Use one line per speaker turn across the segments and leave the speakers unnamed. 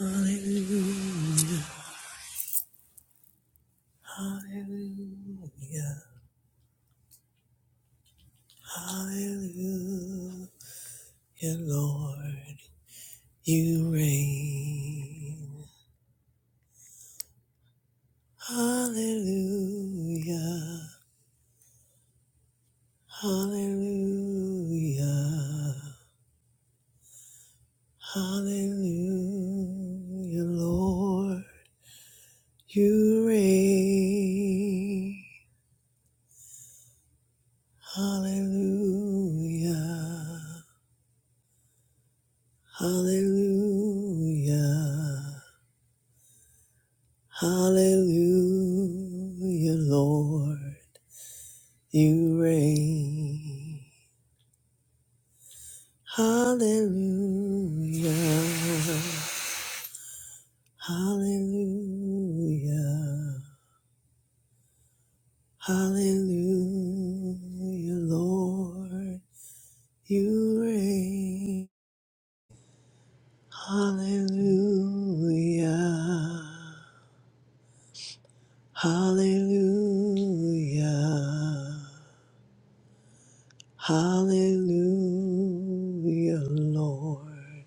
Hallelujah, hallelujah, hallelujah, Lord, you reign. Hallelujah, hallelujah, hallelujah, Lord, you reign. Hallelujah, hallelujah. Hallelujah, Lord, you reign. Hallelujah, hallelujah, hallelujah, Lord, you reign. Hallelujah, hallelujah, hallelujah, Lord.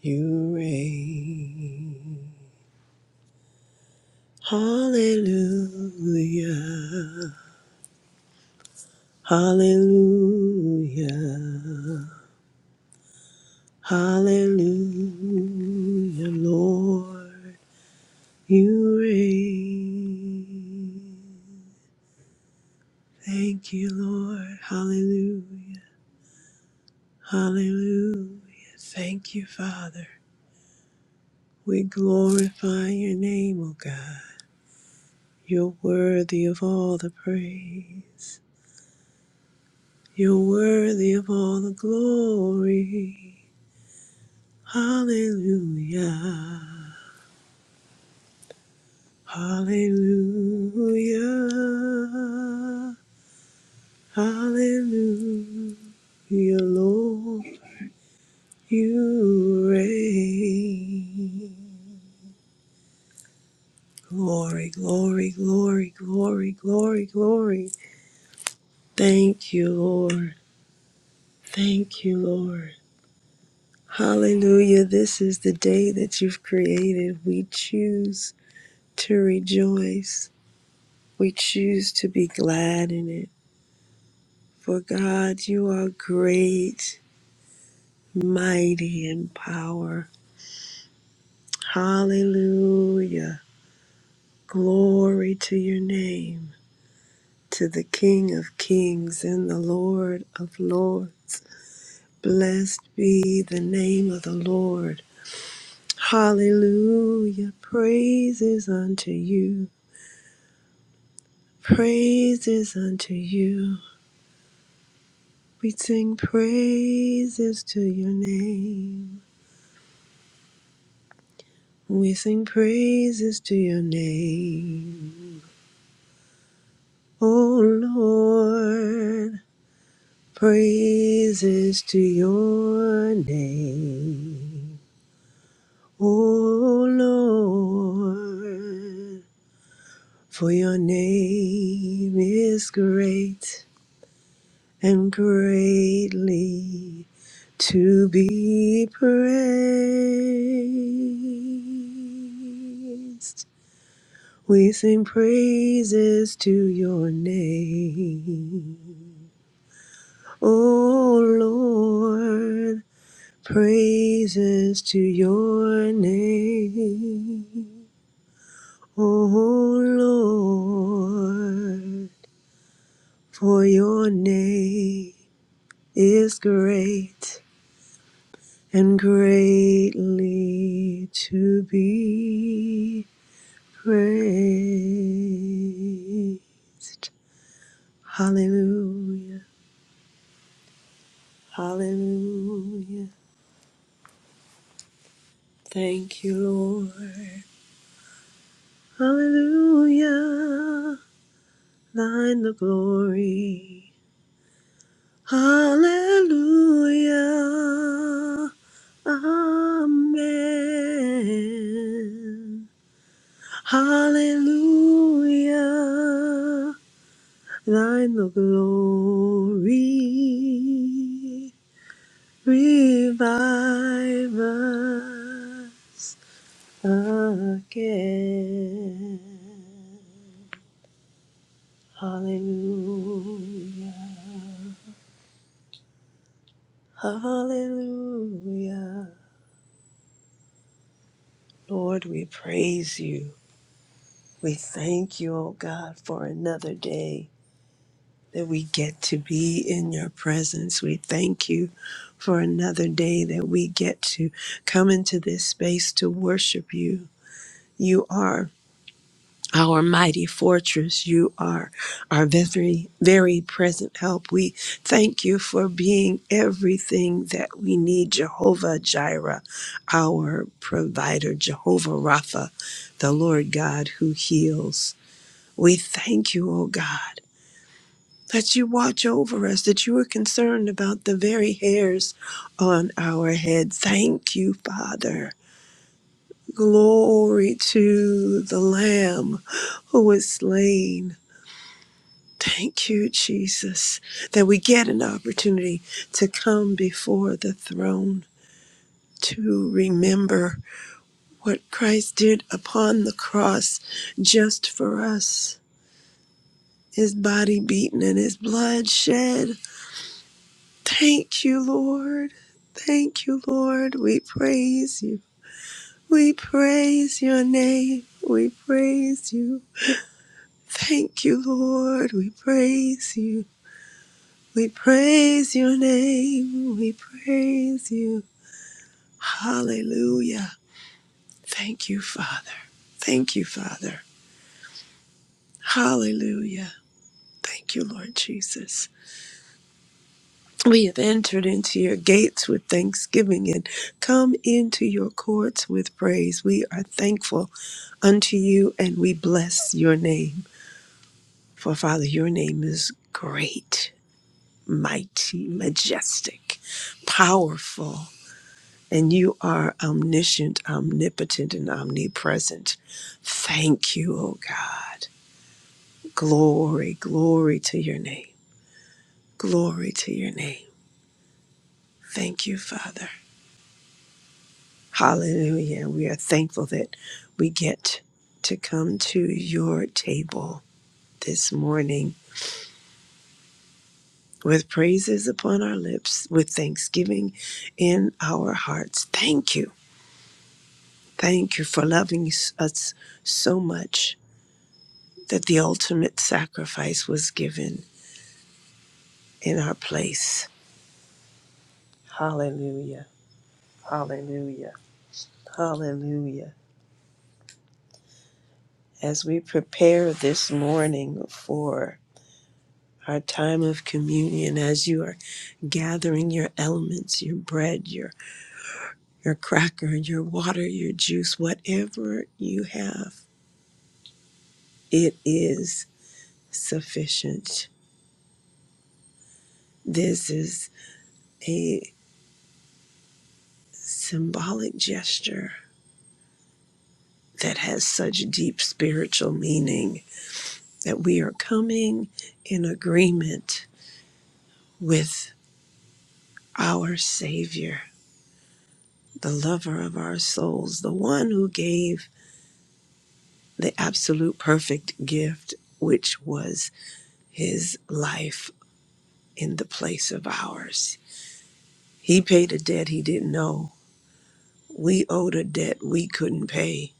You reign. Hallelujah. Hallelujah. Hallelujah, Lord. You reign. Thank you, Lord. Hallelujah. Hallelujah. Thank you, Father. We glorify your name, O God. You're worthy of all the praise. You're worthy of all the glory. Hallelujah. Hallelujah. Hallelujah, Lord. You reign. Glory, glory, glory, glory, glory, glory. Thank you, Lord. Thank you, Lord. Hallelujah. This is the day that you've created. We choose. to rejoice. We choose to be glad in it. For God, you are great, mighty in power. Hallelujah. Glory to your name, to the King of kings and the Lord of lords. Blessed be the name of the Lord. Hallelujah. Praises unto you. Praises unto you. We sing praises to your name. We sing praises to your name. Oh Lord, praises to your name. Oh Lord, for your name is great and greatly to be praised. We sing praises to your name. Oh Lord, praises to your name. Oh Lord, for your name is great and greatly to be praised. Hallelujah. Hallelujah. Thank you, Lord. Hallelujah. Thine the glory. Hallelujah. Amen. Hallelujah. Thine the glory. Revive us. again. Hallelujah. Hallelujah. Lord, we praise you. We thank you, O God, for another day that we get to be in your presence. We thank you for another day that we get to come into this space to worship you. You are. our mighty fortress. You are our very, very present help. We thank you for being everything that we need, Jehovah Jireh, our provider, Jehovah Rapha, the Lord God who heals. We thank you, O God. That you watch over us, that you are concerned about the very hairs on our head. Thank you, Father. Glory to the Lamb who was slain Thank you, Jesus, that we get an opportunity to come before the throne to remember what Christ did upon the cross just for us, his body beaten and his blood shed. Thank you, Lord. Thank you, Lord. We praise you. We praise your name. We praise you. Thank you, Lord. We praise you. We praise your name. We praise you. Hallelujah. Thank you, Father. Thank you, Father. Hallelujah. Thank you, Lord Jesus. We have entered into your gates with thanksgiving and come into your courts with praise. We are thankful unto you and we bless your name. For Father, your name is great, mighty, majestic, powerful. and you are omniscient, omnipotent, and omnipresent. Thank you, O God. Glory, glory to your name. Glory to your name. Thank you, Father. Hallelujah. We are thankful that we get to come to your table this morning with praises upon our lips, with thanksgiving in our hearts. Thank you. Thank you for loving us so much that the ultimate sacrifice was given in our place. Hallelujah. Hallelujah. Hallelujah. As we prepare this morning for our time of communion, as you are gathering your elements, your bread, your, your cracker, your water, your juice, whatever you have, it is sufficient. This is a symbolic gesture that has such deep spiritual meaning that we are coming in agreement with our Savior, the lover of our souls, the one who gave the absolute perfect gift, which was his life in the place of ours. He paid a debt he didn't know. We owed a debt we couldn't pay,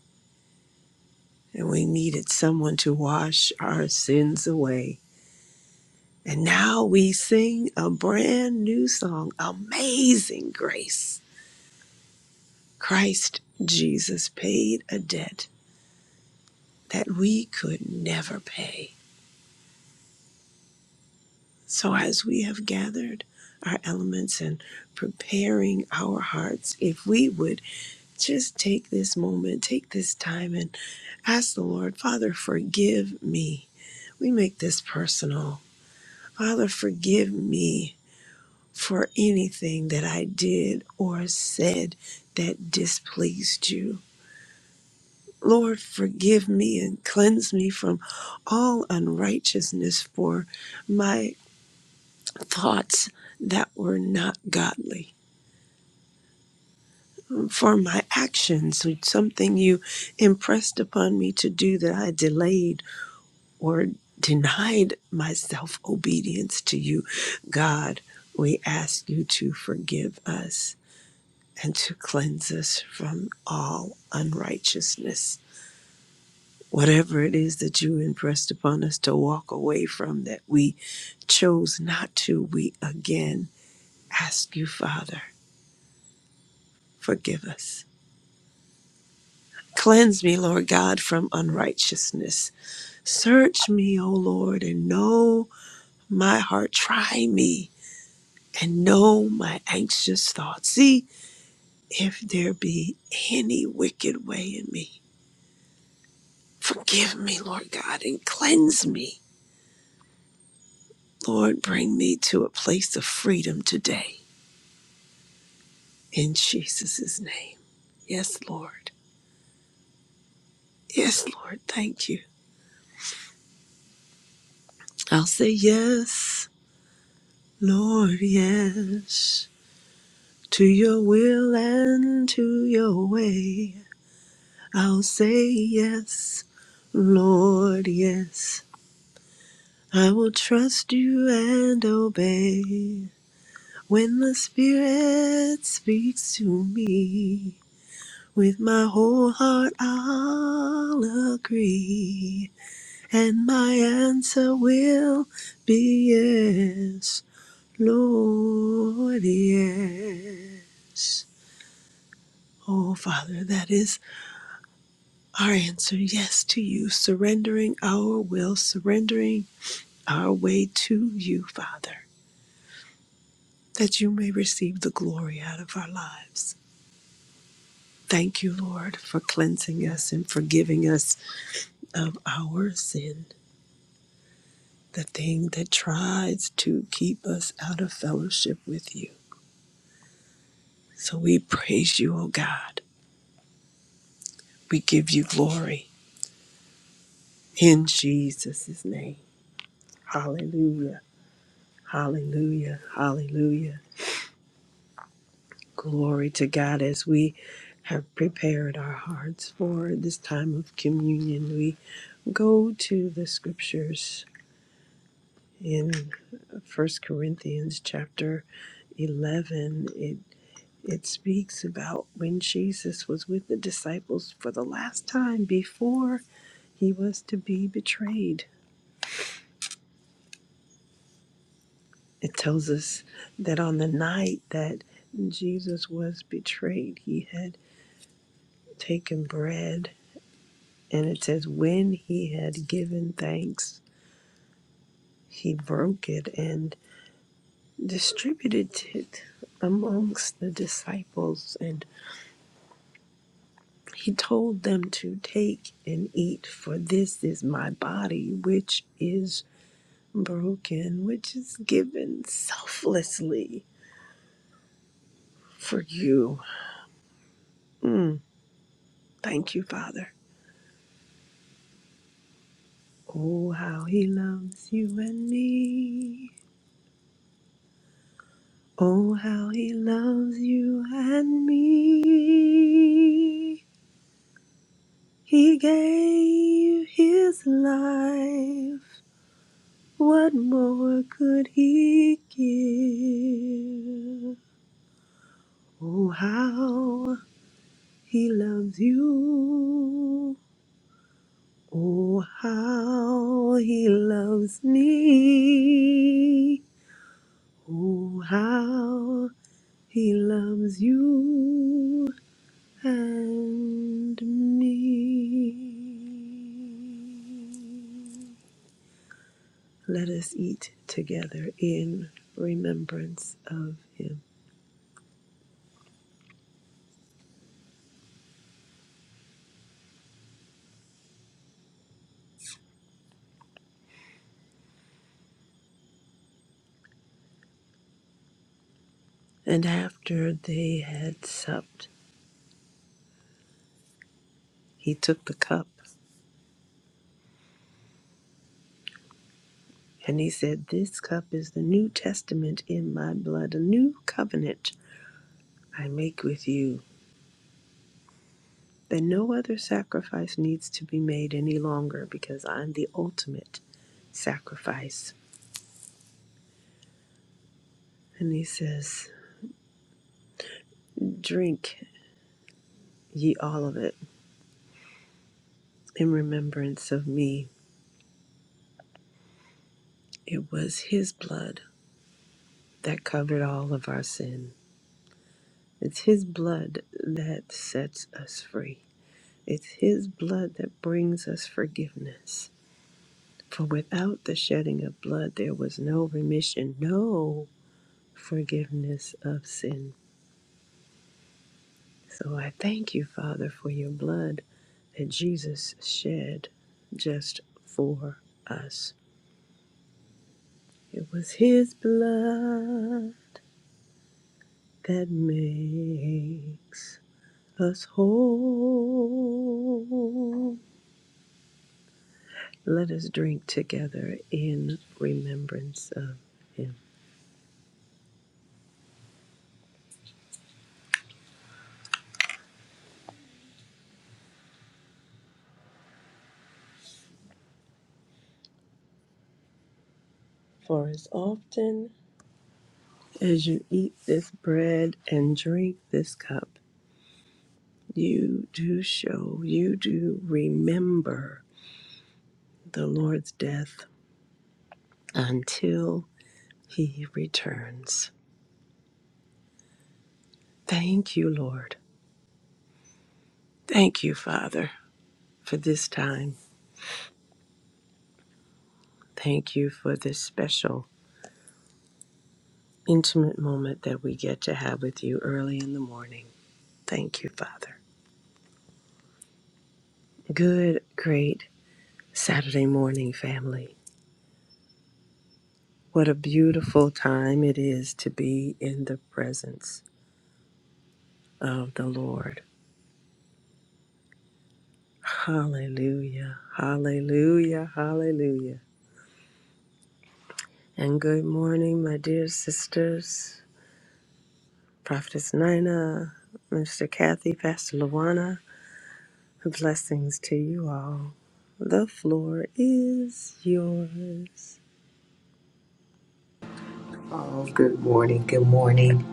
and we needed someone to wash our sins away. And now we sing a brand new song, Amazing Grace Christ Jesus paid a debt that we could never pay. So, as we have gathered our elements and preparing our hearts, if we would just take this moment, take this time, and ask the Lord, Father, forgive me. We make this personal. Father, forgive me for anything that I did or said that displeased you. Lord, forgive me and cleanse me from all unrighteousness for my thoughts that were not godly, for my actions, something you impressed upon me to do that I delayed or denied myself obedience to you. God, we ask you to forgive us and to cleanse us from all unrighteousness. whatever it is that you impressed upon us to walk away from that we chose not to, we again ask you, Father, forgive us. Cleanse me, Lord God, from unrighteousness. Search me, O Lord, and know my heart. Try me and know my anxious thoughts. See if there be any wicked way in me. Forgive me, Lord God, and cleanse me. Lord, bring me to a place of freedom today In Jesus' name. Yes, Lord. Yes, Lord. Thank you. I'll say yes, Lord, yes, to your will and to your way. I'll say yes, Lord, yes. I will trust you and obey when the Spirit speaks to me. With my whole heart, I'll agree. and my answer will be yes, Lord, yes. Oh, Father, that is our answer yes to you, surrendering our will, surrendering our way to you, Father, that you may receive the glory out of our lives. Thank you, Lord, for cleansing us and forgiving us of our sin, the thing that tries to keep us out of fellowship with you. So we praise you, O God. We give you glory in Jesus' name. Hallelujah. Hallelujah. Hallelujah. Glory to God as we have prepared our hearts for this time of communion. We go to the scriptures in First Corinthians chapter 11. It it speaks about when Jesus was with the disciples for the last time before he was to be betrayed It tells us that on the night that Jesus was betrayed, he had taken bread. And it says, when he had given thanks, he broke it and distributed it amongst the disciples. And he told them to take and eat, for this is my body, which is broken, which is given selflessly for you. Mm, thank you, Father. Oh, how he loves you and me. Oh, how he loves you and me. He gave his life. What more could he give? Oh, how he loves you. Oh, how he loves me. Oh, how He loves you and me. Let us eat together in remembrance of him. And after they had supped, he took the cup and he said, This cup is the New Testament in my blood, a new covenant I make with you. That no other sacrifice needs to be made any longer because I'm the ultimate sacrifice And he says, Drink ye all of it in remembrance of me. It was his blood that covered all of our sin. It's his blood that sets us free. It's his blood that brings us forgiveness. For without the shedding of blood, there was no remission, no forgiveness of sin. So I thank you, Father, for your blood that Jesus shed just for us. It was his blood that makes us whole. Let us drink together in remembrance of him. For as often as you eat this bread and drink this cup, you do show, you do remember the Lord's death until he returns. Thank you, Lord. Thank you, Father, for this time. Thank you for this special, intimate moment that we get to have with you early in the morning. Thank you, Father. Good, great Saturday morning, family. What a beautiful time it is to be in the presence of the Lord. Hallelujah, hallelujah, hallelujah. And good morning, my dear sisters, Prophetess Nina, Mr. Kathy, Pastor Luana. Blessings to you all. The floor is yours.
Oh, Good morning. Good morning.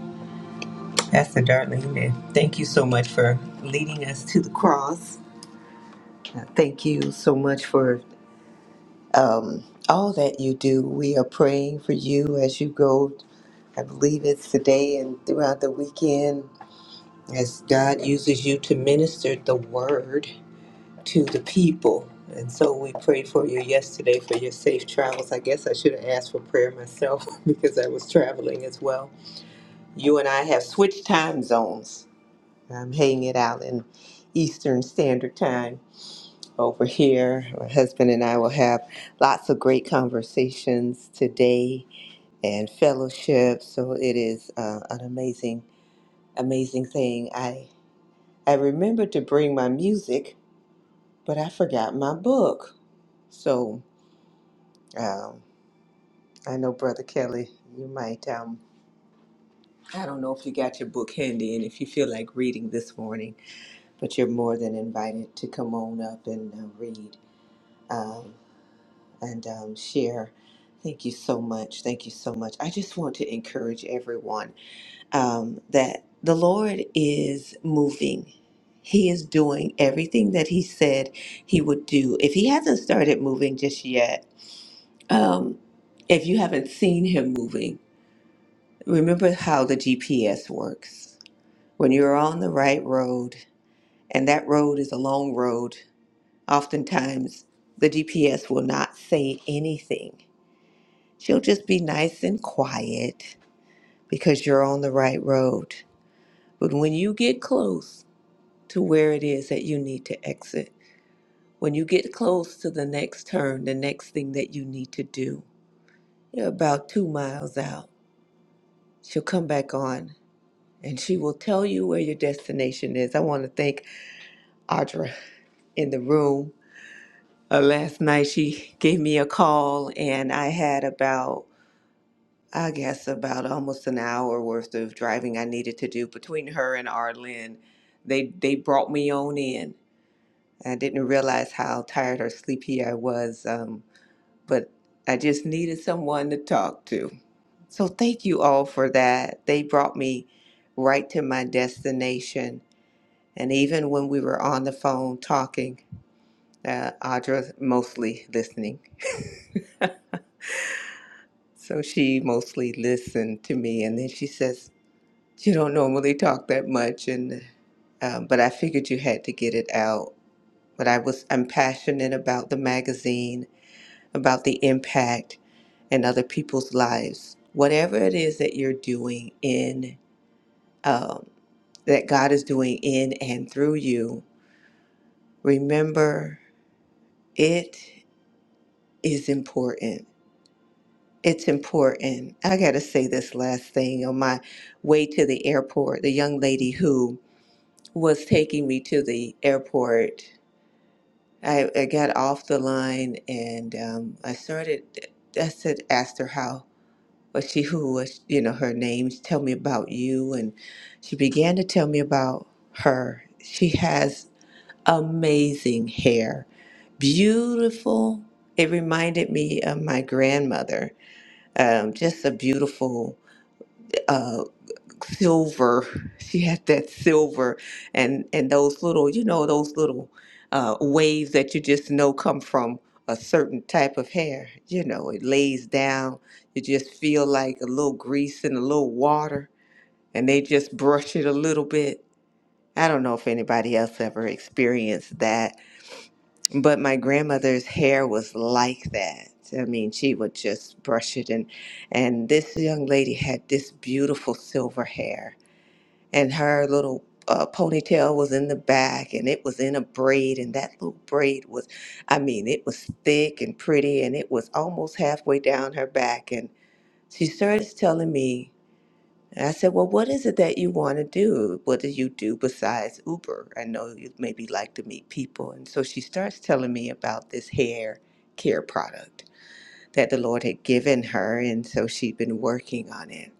Pastor Darlene, and thank you so much for leading us to the cross. Uh, Thank you so much for um, all that you do. We are praying for you as you go. I believe it's today and throughout the weekend as God uses you to minister the word to the people. And so we prayed for you yesterday for your safe travels. I guess I should have asked for prayer myself because I was traveling as well you and I have switched time zones. I'm hanging it out in Eastern Standard Time over here. My husband and I will have lots of great conversations today and fellowship. So it is uh, an amazing, amazing thing. I I remembered to bring my music, but I forgot my book. So um, I know Brother Kelly, you might. Um, I don't know if you got your book handy and if you feel like reading this morning, but you're more than invited to come on up and uh, read. Um, and um, share. Thank you so much. Thank you so much. I just want to encourage everyone um, that the Lord is moving. He is doing everything that He said He would do. If He hasn't started moving just yet, um, if you haven't seen Him moving, remember how the GPS works. When you're on the right road, and that road is a long road, oftentimes the GPS will not say anything She'll just be nice and quiet because you're on the right road. But when you get close to where it is that you need to exit, when you get close to the next turn, the next thing that you need to do, you're about two miles out. She'll come back on and she will tell you where your destination is. I want to thank Audra in the room. Uh, last night she gave me a call and I had about I guess about almost an hour worth of driving I needed to do between her and Arlen. They they brought me on in. I didn't realize how tired or sleepy I was, um, but I just needed someone to talk to. So thank you all for that. They brought me right to my destination, and even when we were on the phone talking, uh, Audra mostly listening. So she mostly listened to me, and then she says, You don't normally talk that much, and um, but I figured you had to get it out. But I was I'm passionate about the magazine, about the impact and other people's lives. Whatever it is that you're doing in um, that God is doing in and through you, remember it is important. It's important. I gotta say this last thing on my way to the airport. The young lady who was taking me to the airport I, I got off the line and um, I started. I said, asked her how, was she who was, you know, her name. Tell me about you, and she began to tell me about her. She has amazing hair, beautiful. It reminded me of my grandmother. Um, just a beautiful. uh, silver. She had that silver and and those little, you know, those little uh, waves that you just know come from a certain type of hair. You know, it lays down. You just feel like a little grease and a little water, and they just brush it a little bit. I don't know if anybody else ever experienced that, but my grandmother's hair was like that. I mean, she would just brush it, and and this young lady had this beautiful silver hair and her little uh, ponytail was in the back and it was in a braid and that little braid was i mean it was thick and pretty and it was almost halfway down her back and she started telling me and i said well what is it that you want to do what do you do besides uber i know you maybe like to meet people and so she starts telling me about this hair care product that the lord had given her and so she'd been working on it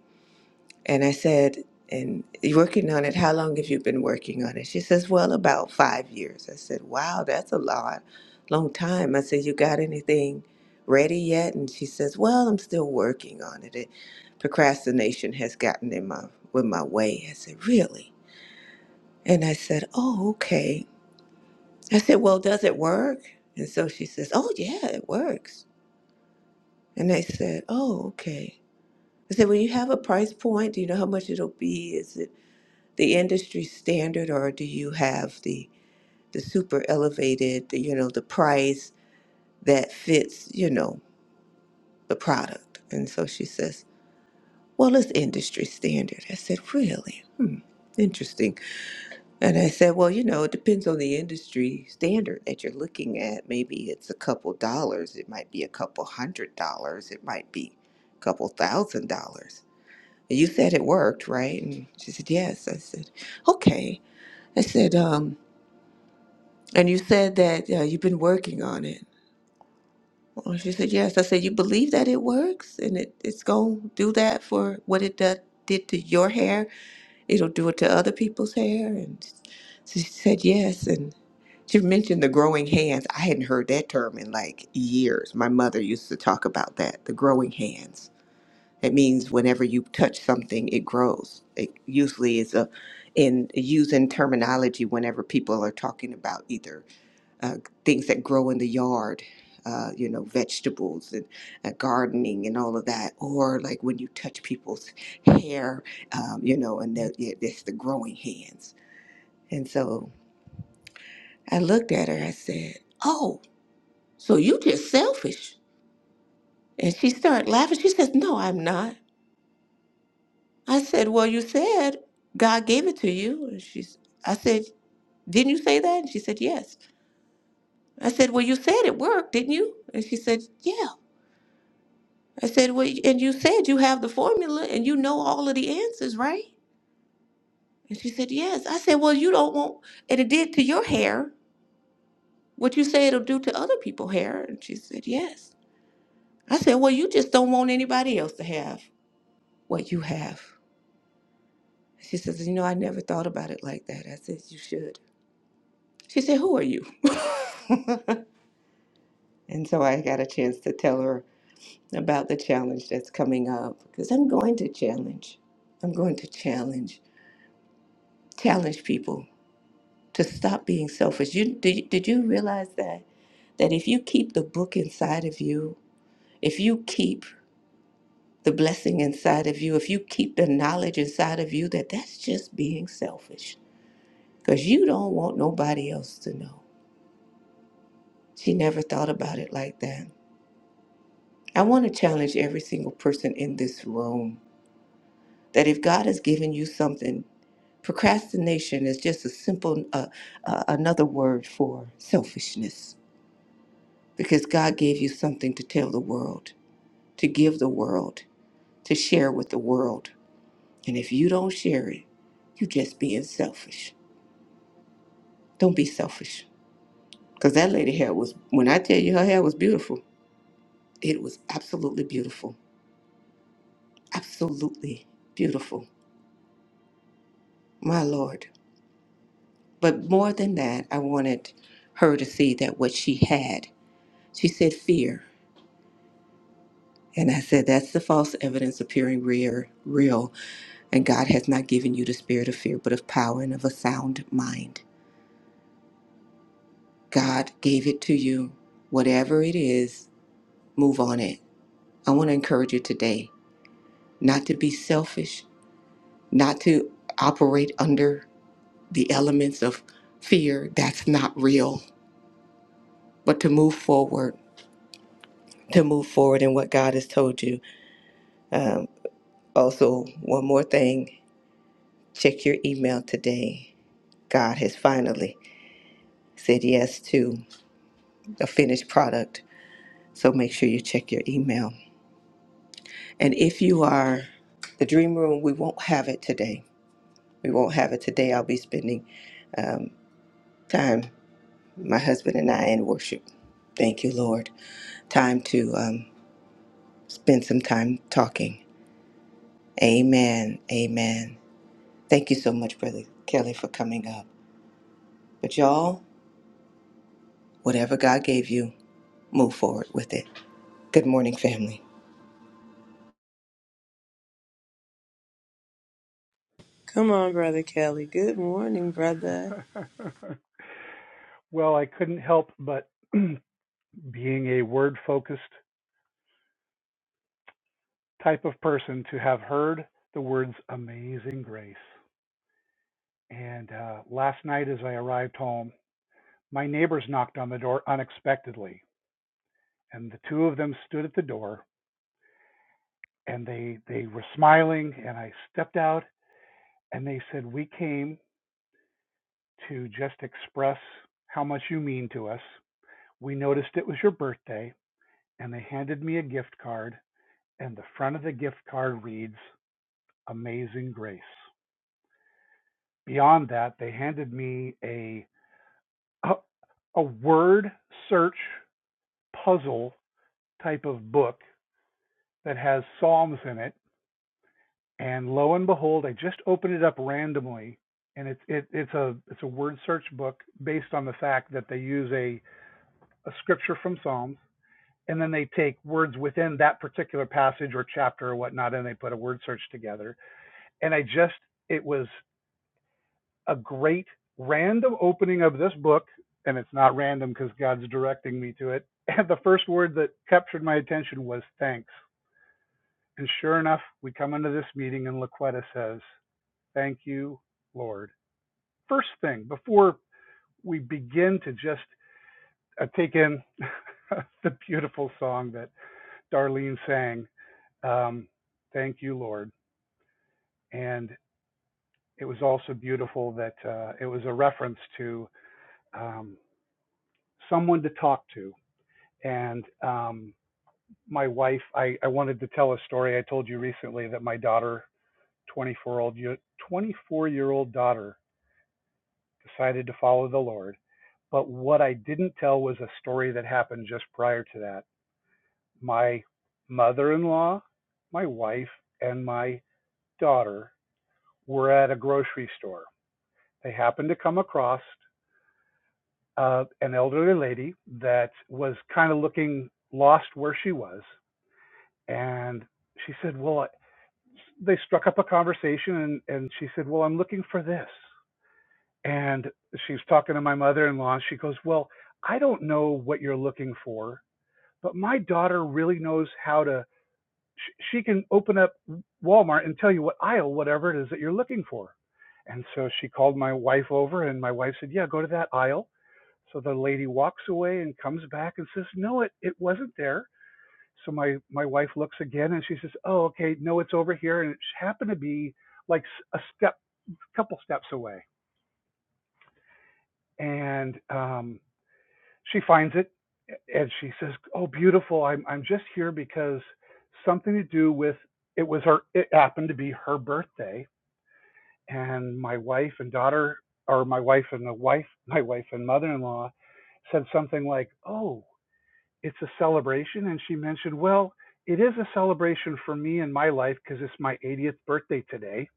and I said, and you're working on it, how long have you been working on it? She says, well, about five years. I said, wow, that's a lot, long time. I said, you got anything ready yet? And she says, well, I'm still working on it. it procrastination has gotten in my, with my way. I said, really? And I said, oh, okay. I said, well, does it work? And so she says, oh, yeah, it works. And I said, oh, okay. I said, well, you have a price point. Do you know how much it'll be? Is it? the industry standard or do you have the the super elevated the, you know the price that fits you know the product and so she says well it's industry standard i said really hmm interesting and i said well you know it depends on the industry standard that you're looking at maybe it's a couple dollars it might be a couple hundred dollars it might be a couple thousand dollars and you said it worked right and she said yes i said okay i said um, And you said that uh, you've been working on it. Well, she said, Yes. I said, You believe that it works and it, it's going to do that for what it do, did to your hair? It'll do it to other people's hair? And so she said, Yes. And she mentioned the growing hands. I hadn't heard that term in like years. My mother used to talk about that the growing hands. It means whenever you touch something, it grows. It usually is a in using terminology whenever people are talking about either uh, things that grow in the yard, uh, you know, vegetables and uh, gardening and all of that. Or like when you touch people's hair, um, you know, and that yeah, it's the growing hands. And so I looked at her. I said, "Oh, so you just selfish?" And she started laughing. She says, "No, I'm not." I said, "Well, you said God gave it to you." And she's, I said, "Didn't you say that?" And she said, "Yes." I said, "Well, you said it worked, didn't you?" And she said, "Yes." I said, Well, and you said you have the formula and you know all of the answers, right? And she said, Yes. I said, Well, you don't want, and it did to your hair what you say it'll do to other people's hair. And she said, Yes. I said, Well, you just don't want anybody else to have what you have. She says, You know, I never thought about it like that. I said, You should. She said, Who are you? and so I got a chance to tell her about the challenge that's coming up because I'm going to challenge. I'm going to challenge, challenge people to stop being selfish. You did, did you realize that that if you keep the book inside of you, if you keep the blessing inside of you, if you keep the knowledge inside of you, that that's just being selfish because you don't want nobody else to know. She never thought about it like that. I want to challenge every single person in this room that if God has given you something, procrastination is just a simple uh, uh, another word for selfishness because God gave you something to tell the world to give the world, to share with the world. And if you don't share it, you just being selfish. Don't be selfish. Because that lady hair was, when I tell you her hair was beautiful, it was absolutely beautiful. Absolutely beautiful. My Lord. But more than that, I wanted her to see that what she had, she said fear. And I said, that's the false evidence appearing real, real. And God has not given you the spirit of fear, but of power and of a sound mind. God gave it to you. Whatever it is, move on it. I want to encourage you today not to be selfish, not to operate under the elements of fear that's not real, but to move forward, to move forward in what God has told you. Um, also, one more thing check your email today. God has finally said yes to a finished product. So make sure you check your email. And if you are the dream room, we won't have it today. We won't have it today. I'll be spending um, time, my husband and I, in worship. Thank you, Lord. Time to um, spend some time talking. Amen. Amen. Thank you so much, Brother Kelly, for coming up. But y'all, whatever God gave you, move forward with it. Good morning, family.
Come on, Brother Kelly. Good morning, brother.
well, I couldn't help but, being a word focused type of person, to have heard the words amazing grace. And uh, last night, as I arrived home, my neighbors knocked on the door unexpectedly. And the two of them stood at the door and they, they were smiling. And I stepped out and they said, We came to just express how much you mean to us. We noticed it was your birthday. And they handed me a gift card and the front of the gift card reads Amazing Grace. Beyond that, they handed me a a, a word search puzzle type of book that has psalms in it, and lo and behold, I just opened it up randomly, and it's it, it's a it's a word search book based on the fact that they use a a scripture from Psalms, and then they take words within that particular passage or chapter or whatnot, and they put a word search together. And I just it was a great random opening of this book, and it's not random because God's directing me to it. And the first word that captured my attention was thanks. And sure enough, we come into this meeting, and Laquetta says, Thank you, Lord. First thing, before we begin to just uh, take in the beautiful song that Darlene sang, um, Thank you, Lord. And it was also beautiful that uh, it was a reference to um, someone to talk to and um, my wife I, I wanted to tell a story i told you recently that my daughter 24 year old daughter decided to follow the lord but what i didn't tell was a story that happened just prior to that my mother-in-law my wife and my daughter were at a grocery store they happened to come across uh, an elderly lady that was kind of looking lost where she was and she said well they struck up a conversation and, and she said, Well, I'm looking for this. And she's talking to my mother in law. She goes, Well, I don't know what you're looking for, but my daughter really knows how to. sh- She can open up Walmart and tell you what aisle, whatever it is that you're looking for. And so she called my wife over, and my wife said, Yeah, go to that aisle. So the lady walks away and comes back and says, No, it, it wasn't there so my my wife looks again and she says, "Oh, okay, no, it's over here." And it happened to be like a step, couple steps away. And um, she finds it and she says, "Oh, beautiful! I'm I'm just here because something to do with it was her. It happened to be her birthday, and my wife and daughter, or my wife and the wife, my wife and mother-in-law, said something like, "Oh, it's a celebration. And she mentioned, well, it is a celebration for me in my life because it's my 80th birthday today,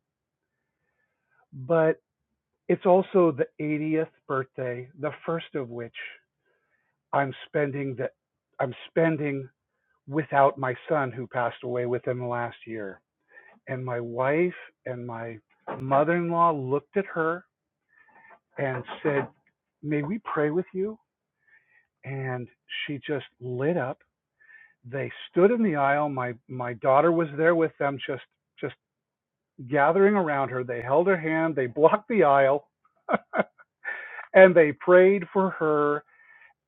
but it's also the 80th birthday, the first of which I'm spending that I'm spending without my son who passed away within the last year. And my wife and my mother-in-law looked at her and said, "May we pray with you?" And she just lit up they stood in the aisle. My my daughter was there with them, just just gathering around her. They held her hand, they blocked the aisle, and they prayed for her.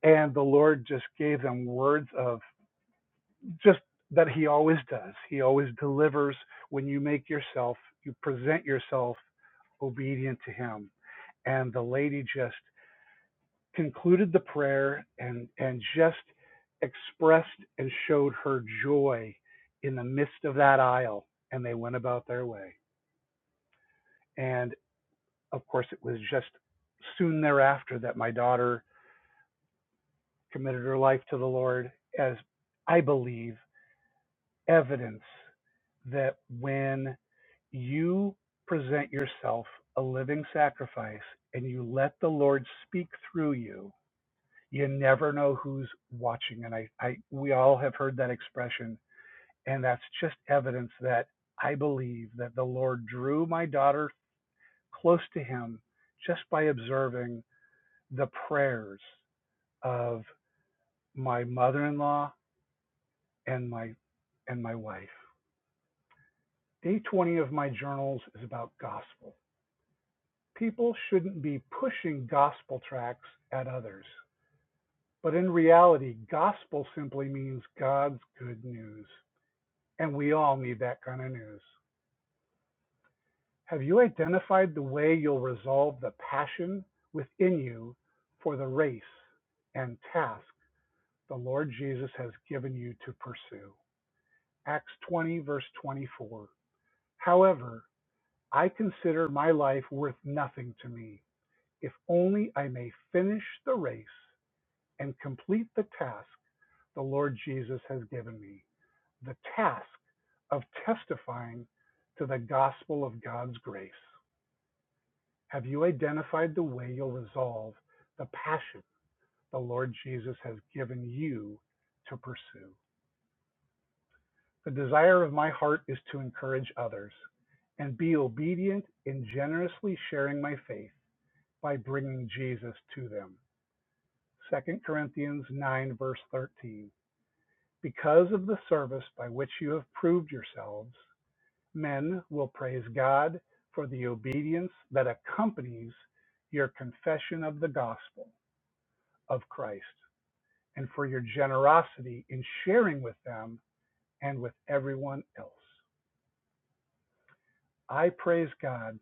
And the Lord just gave them words of just that He always does. He always delivers when you make yourself, you present yourself obedient to Him. And the lady just concluded the prayer and and just expressed and showed her joy in the midst of that aisle and they went about their way and of course it was just soon thereafter that my daughter committed her life to the lord as i believe evidence that when you present yourself a living sacrifice and you let the lord speak through you you never know who's watching and I, I we all have heard that expression and that's just evidence that i believe that the lord drew my daughter close to him just by observing the prayers of my mother-in-law and my and my wife day 20 of my journals is about gospel people shouldn't be pushing gospel tracts at others but in reality gospel simply means god's good news And we all need that kind of news. Have you identified the way you'll resolve the passion within you for the race and task the Lord Jesus has given you to pursue? Acts 20, verse 24. However, I consider my life worth nothing to me, if only I may finish the race and complete the task the Lord Jesus has given me. the task of testifying to the gospel of God's grace? Have you identified the way you'll resolve the passion the Lord Jesus has given you to pursue? The desire of my heart is to encourage others and be obedient in generously sharing my faith by bringing Jesus to them. Second Corinthians 9, verse 13. Because of the service by which you have proved yourselves, Men will praise God for the obedience that accompanies your confession of the gospel of Christ and for your generosity in sharing with them and with everyone else. I praise God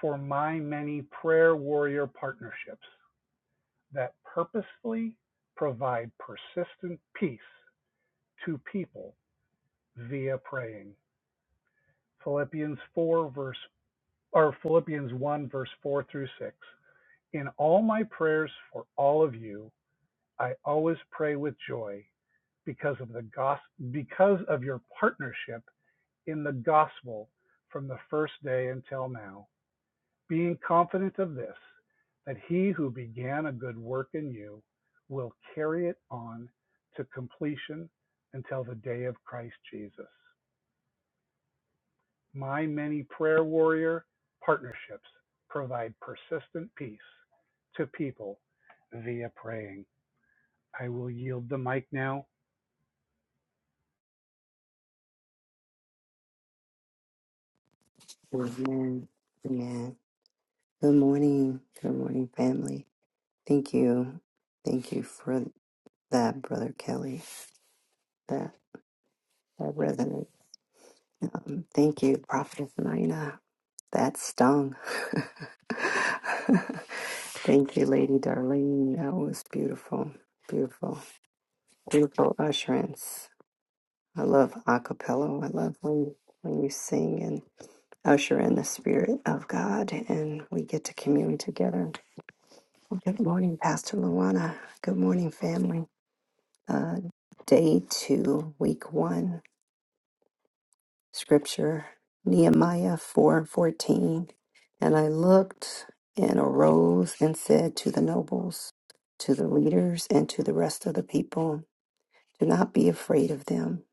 for my many prayer warrior partnerships that purposefully provide persistent peace to people via praying. Philippians 4 verse or Philippians 1 verse 4 through 6. In all my prayers for all of you, I always pray with joy because of the gos- because of your partnership in the gospel from the first day until now, being confident of this, that he who began a good work in you will carry it on to completion until the day of Christ Jesus. My many prayer warrior partnerships provide persistent peace to people via praying. I will yield the mic now.
Amen. Amen. Good morning. Good morning, family. Thank you. Thank you for that, Brother Kelly. That that resonates. Um, thank you, Prophetess Nina. That stung. thank you, Lady Darlene. That was beautiful. Beautiful. Beautiful usherance. I love a cappella. I love when when you sing and usher in the spirit of God and we get to commune together Good morning, Pastor Luana. Good morning, family. Uh, day two, week one, scripture, Nehemiah 4 14. And I looked and arose and said to the nobles, to the leaders, and to the rest of the people, Do not be afraid of them.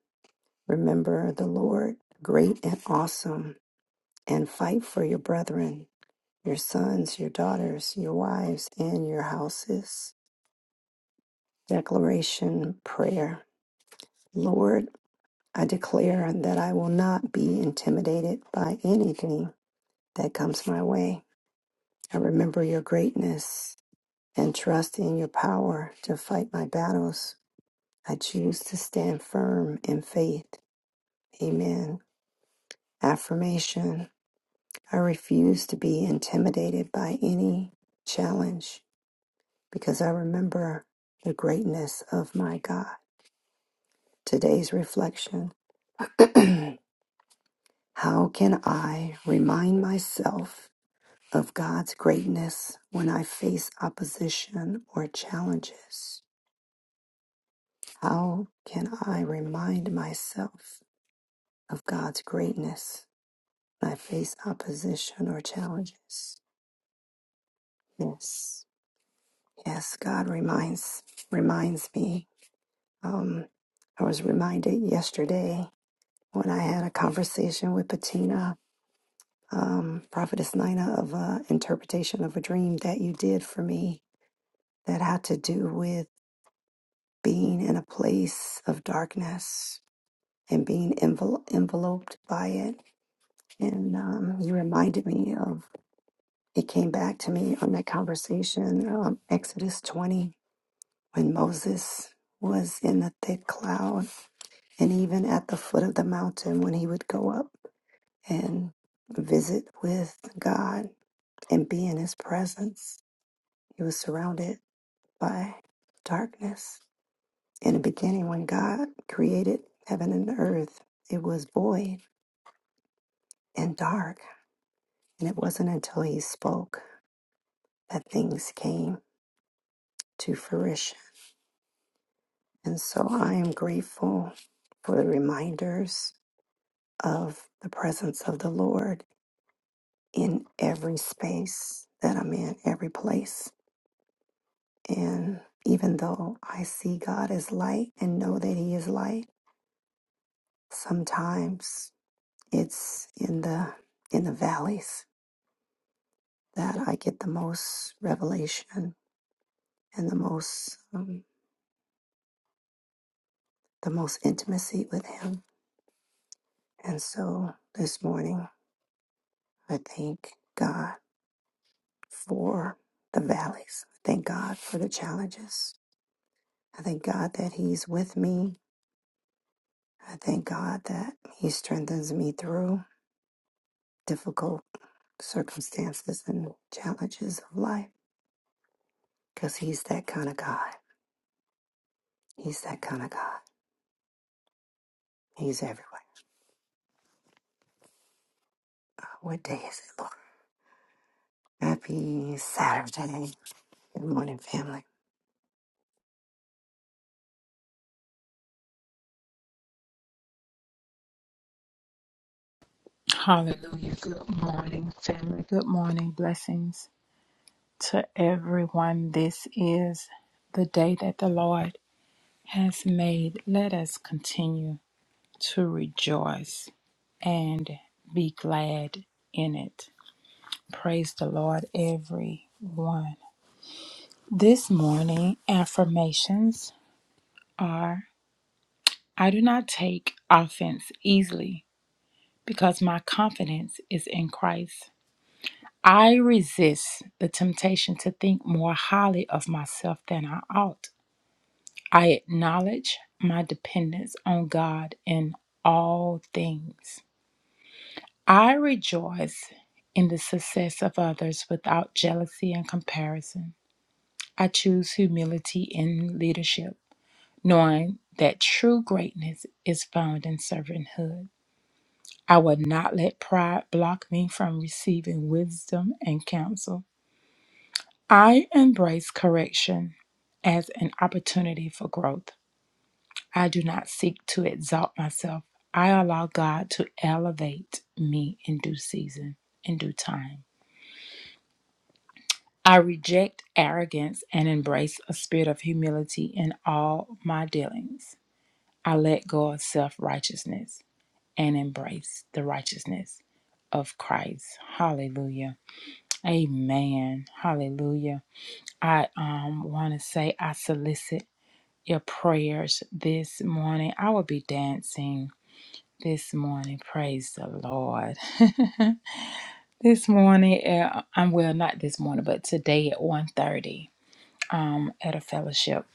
Remember the Lord, great and awesome, and fight for your brethren, your sons, your daughters, your wives, and your houses. Declaration Prayer. Lord, I declare that I will not be intimidated by anything that comes my way. I remember your greatness and trust in your power to fight my battles. I choose to stand firm in faith. Amen. Affirmation I refuse to be intimidated by any challenge because I remember the greatness of my God. Today's reflection How can I remind myself? of God's greatness when I face opposition or challenges? How can I remind myself of God's greatness when I face opposition or challenges? Yes, yes, God reminds reminds me. Um, I was reminded yesterday when I had a conversation with Patina, um, Prophetess Nina, of an interpretation of a dream that you did for me that had to do with being in a place of darkness and being envel- enveloped by it. And um, you reminded me of it came back to me on that conversation, um, Exodus 20, when Moses was in the thick cloud, and even at the foot of the mountain, when he would go up and visit with God and be in his presence, he was surrounded by darkness In the beginning, when God created heaven and earth, it was void and dark. And it wasn't until He spoke that things came to fruition. And so I am grateful for the reminders of the presence of the Lord in every space that I'm in, every place. And even though I see God as light and know that He is light, sometimes it's in the in the valleys that I get the most revelation and the most um, the most intimacy with Him. And so this morning, I thank God for the valleys. I thank God for the challenges. I thank God that He's with me. I thank God that He strengthens me through difficult circumstances and challenges of life because He's that kind of God. He's that kind of God. He's everywhere. What day is it, Lord? Happy Saturday. Good morning, family.
Hallelujah. Good morning, family. Good morning. Blessings to everyone. This is the day that the Lord has made. Let us continue to rejoice and be glad in it. Praise the Lord, everyone. This morning, affirmations are I do not take offense easily because my confidence is in Christ. I resist the temptation to think more highly of myself than I ought. I acknowledge my dependence on God in all things. I rejoice in the success of others without jealousy and comparison. I choose humility in leadership, knowing that true greatness is found in servanthood. I will not let pride block me from receiving wisdom and counsel. I embrace correction as an opportunity for growth. I do not seek to exalt myself. I allow God to elevate me in due season, in due time. I reject arrogance and embrace a spirit of humility in all my dealings. I let go of self righteousness and embrace the righteousness of Christ. Hallelujah. Amen. Hallelujah. I um want to say I solicit your prayers this morning. I will be dancing this morning. Praise the Lord. this morning, uh, I'm well, not this morning, but today at one thirty, um, at a fellowship.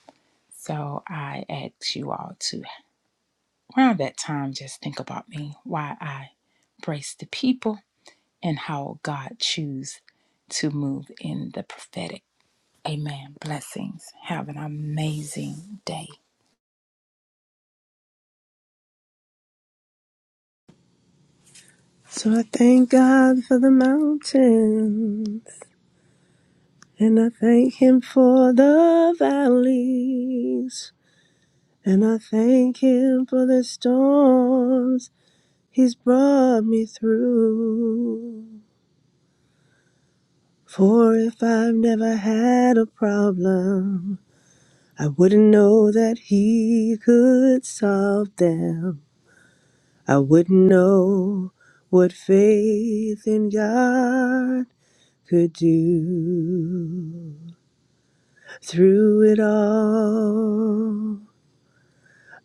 So I ask you all to, around that time, just think about me, why I brace the people and how God choose to move in the prophetic. Amen. Blessings. Have an amazing day.
So I thank God for the mountains, and I thank Him for the valleys, and I thank Him for the storms He's brought me through. For if I've never had a problem, I wouldn't know that he could solve them. I wouldn't know what faith in God could do. Through it all,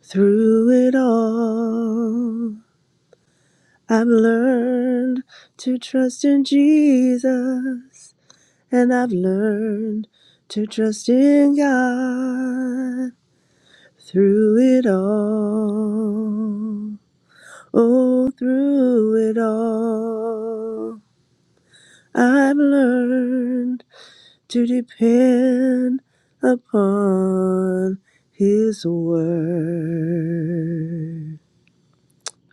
through it all, I've learned to trust in Jesus and I've learned to trust in God through it all. Oh, through it all, I've learned to depend upon His word.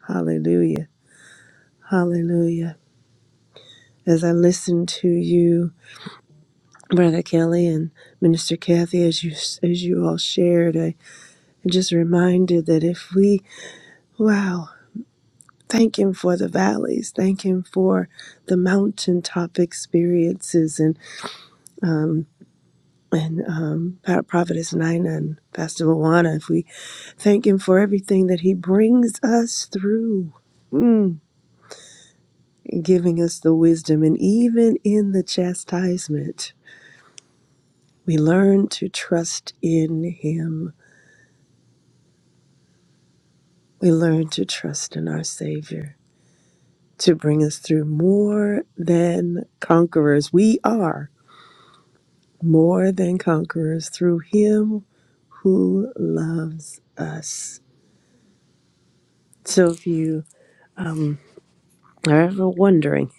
Hallelujah. Hallelujah. As I listen to you, Brother Kelly and Minister Kathy, as you as you all shared, I am just reminded that if we, wow, thank Him for the valleys, thank Him for the mountaintop experiences, and and um, Pa- Prophetess Nina and Pastor Luana, if we thank him for everything that he brings us through, mm, and giving us the wisdom, and even in the chastisement, we learn to trust in him. We learn to trust in our Savior to bring us through more than conquerors. We are more than conquerors through him who loves us. So if you are ever wondering,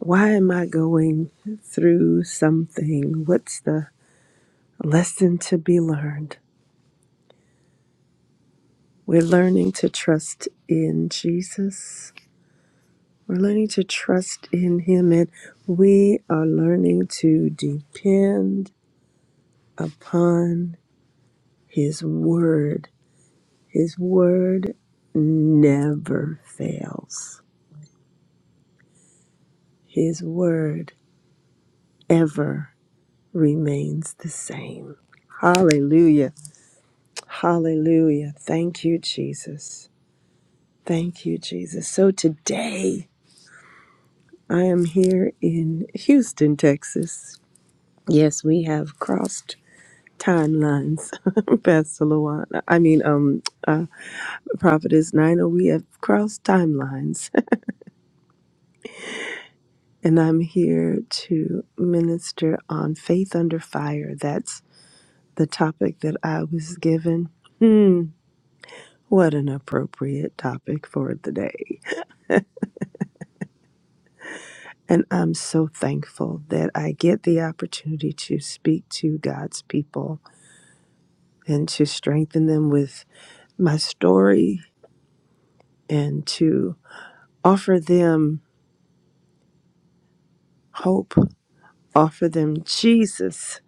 Why am I going through something? What's the lesson to be learned? We're learning to trust in Jesus. We're learning to trust in Him, and we are learning to depend upon His Word. His Word never fails, His Word ever remains the same. Hallelujah. Hallelujah. Thank you, Jesus. Thank you, Jesus. So today I am here in Houston, Texas. Yes, we have crossed timelines, Pastor Luana. I mean, um, uh, Prophetess Nina, we have crossed timelines. and I'm here to minister on Faith Under Fire. That's the topic that I was given. Hmm, what an appropriate topic for the day. And I'm so thankful that I get the opportunity to speak to God's people and to strengthen them with my story and to offer them hope, offer them Jesus,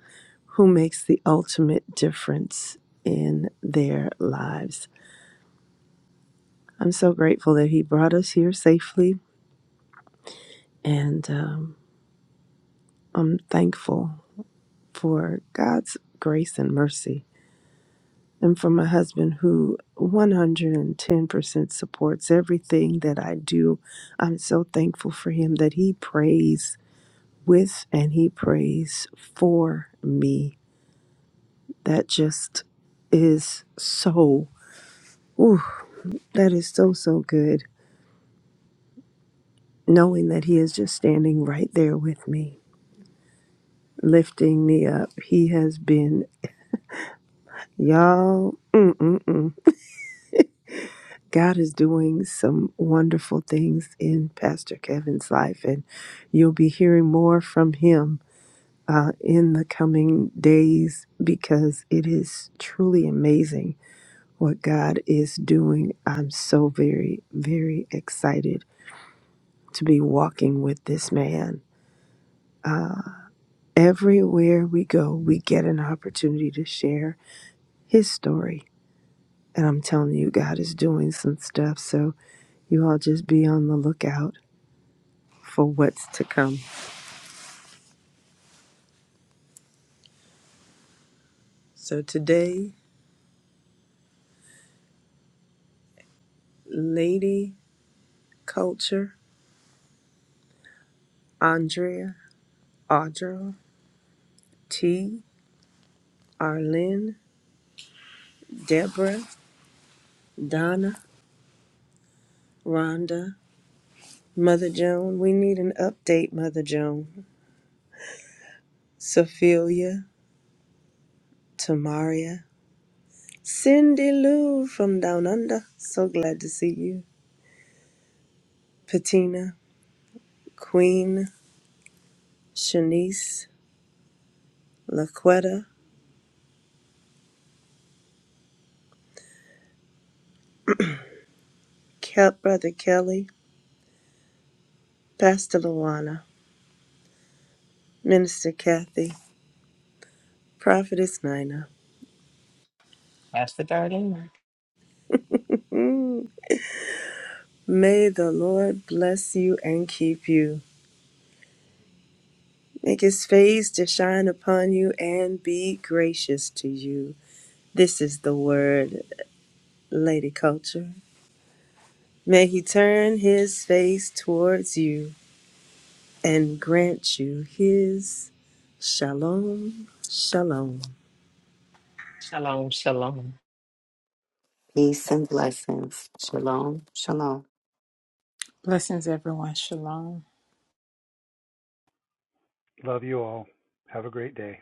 who makes the ultimate difference in their lives. I'm so grateful that He brought us here safely, and um, I'm thankful for God's grace and mercy and for my husband who 110% supports everything that I do. I'm so thankful for him that he prays with and he prays for me. That just is so, ooh, that is so, so good. Knowing that he is just standing right there with me, lifting me up. He has been, y'all, mm-mm-mm. God is doing some wonderful things in Pastor Kevin's life, and you'll be hearing more from him uh, in the coming days because it is truly amazing what God is doing. I'm so very, very excited to be walking with this man. Uh, everywhere we go, we get an opportunity to share his story. And I'm telling you, God is doing some stuff. So you all just be on the lookout for what's to come. So today, Lady Culture, Andrea, Audra, T, Arlene, Deborah, Donna, Rhonda, Mother Joan. We need an update, Mother Joan. Sophia, Tamaria, Cindy Lou from Down Under. So glad to see you. Patina, Queen, Shanice, Laquetta, Ke- Brother Kelly, Pastor Luana, Minister Kathy, Prophetess Nina,
Pastor Darlene.
may the Lord bless you and keep you. Make his face to shine upon you and be gracious to you. This is the word, Lady Culture. May he turn his face towards you and grant you his shalom, shalom.
Shalom, shalom.
Peace and blessings. Shalom. Shalom.
Blessings, everyone. Shalom.
Love you all. Have a great day.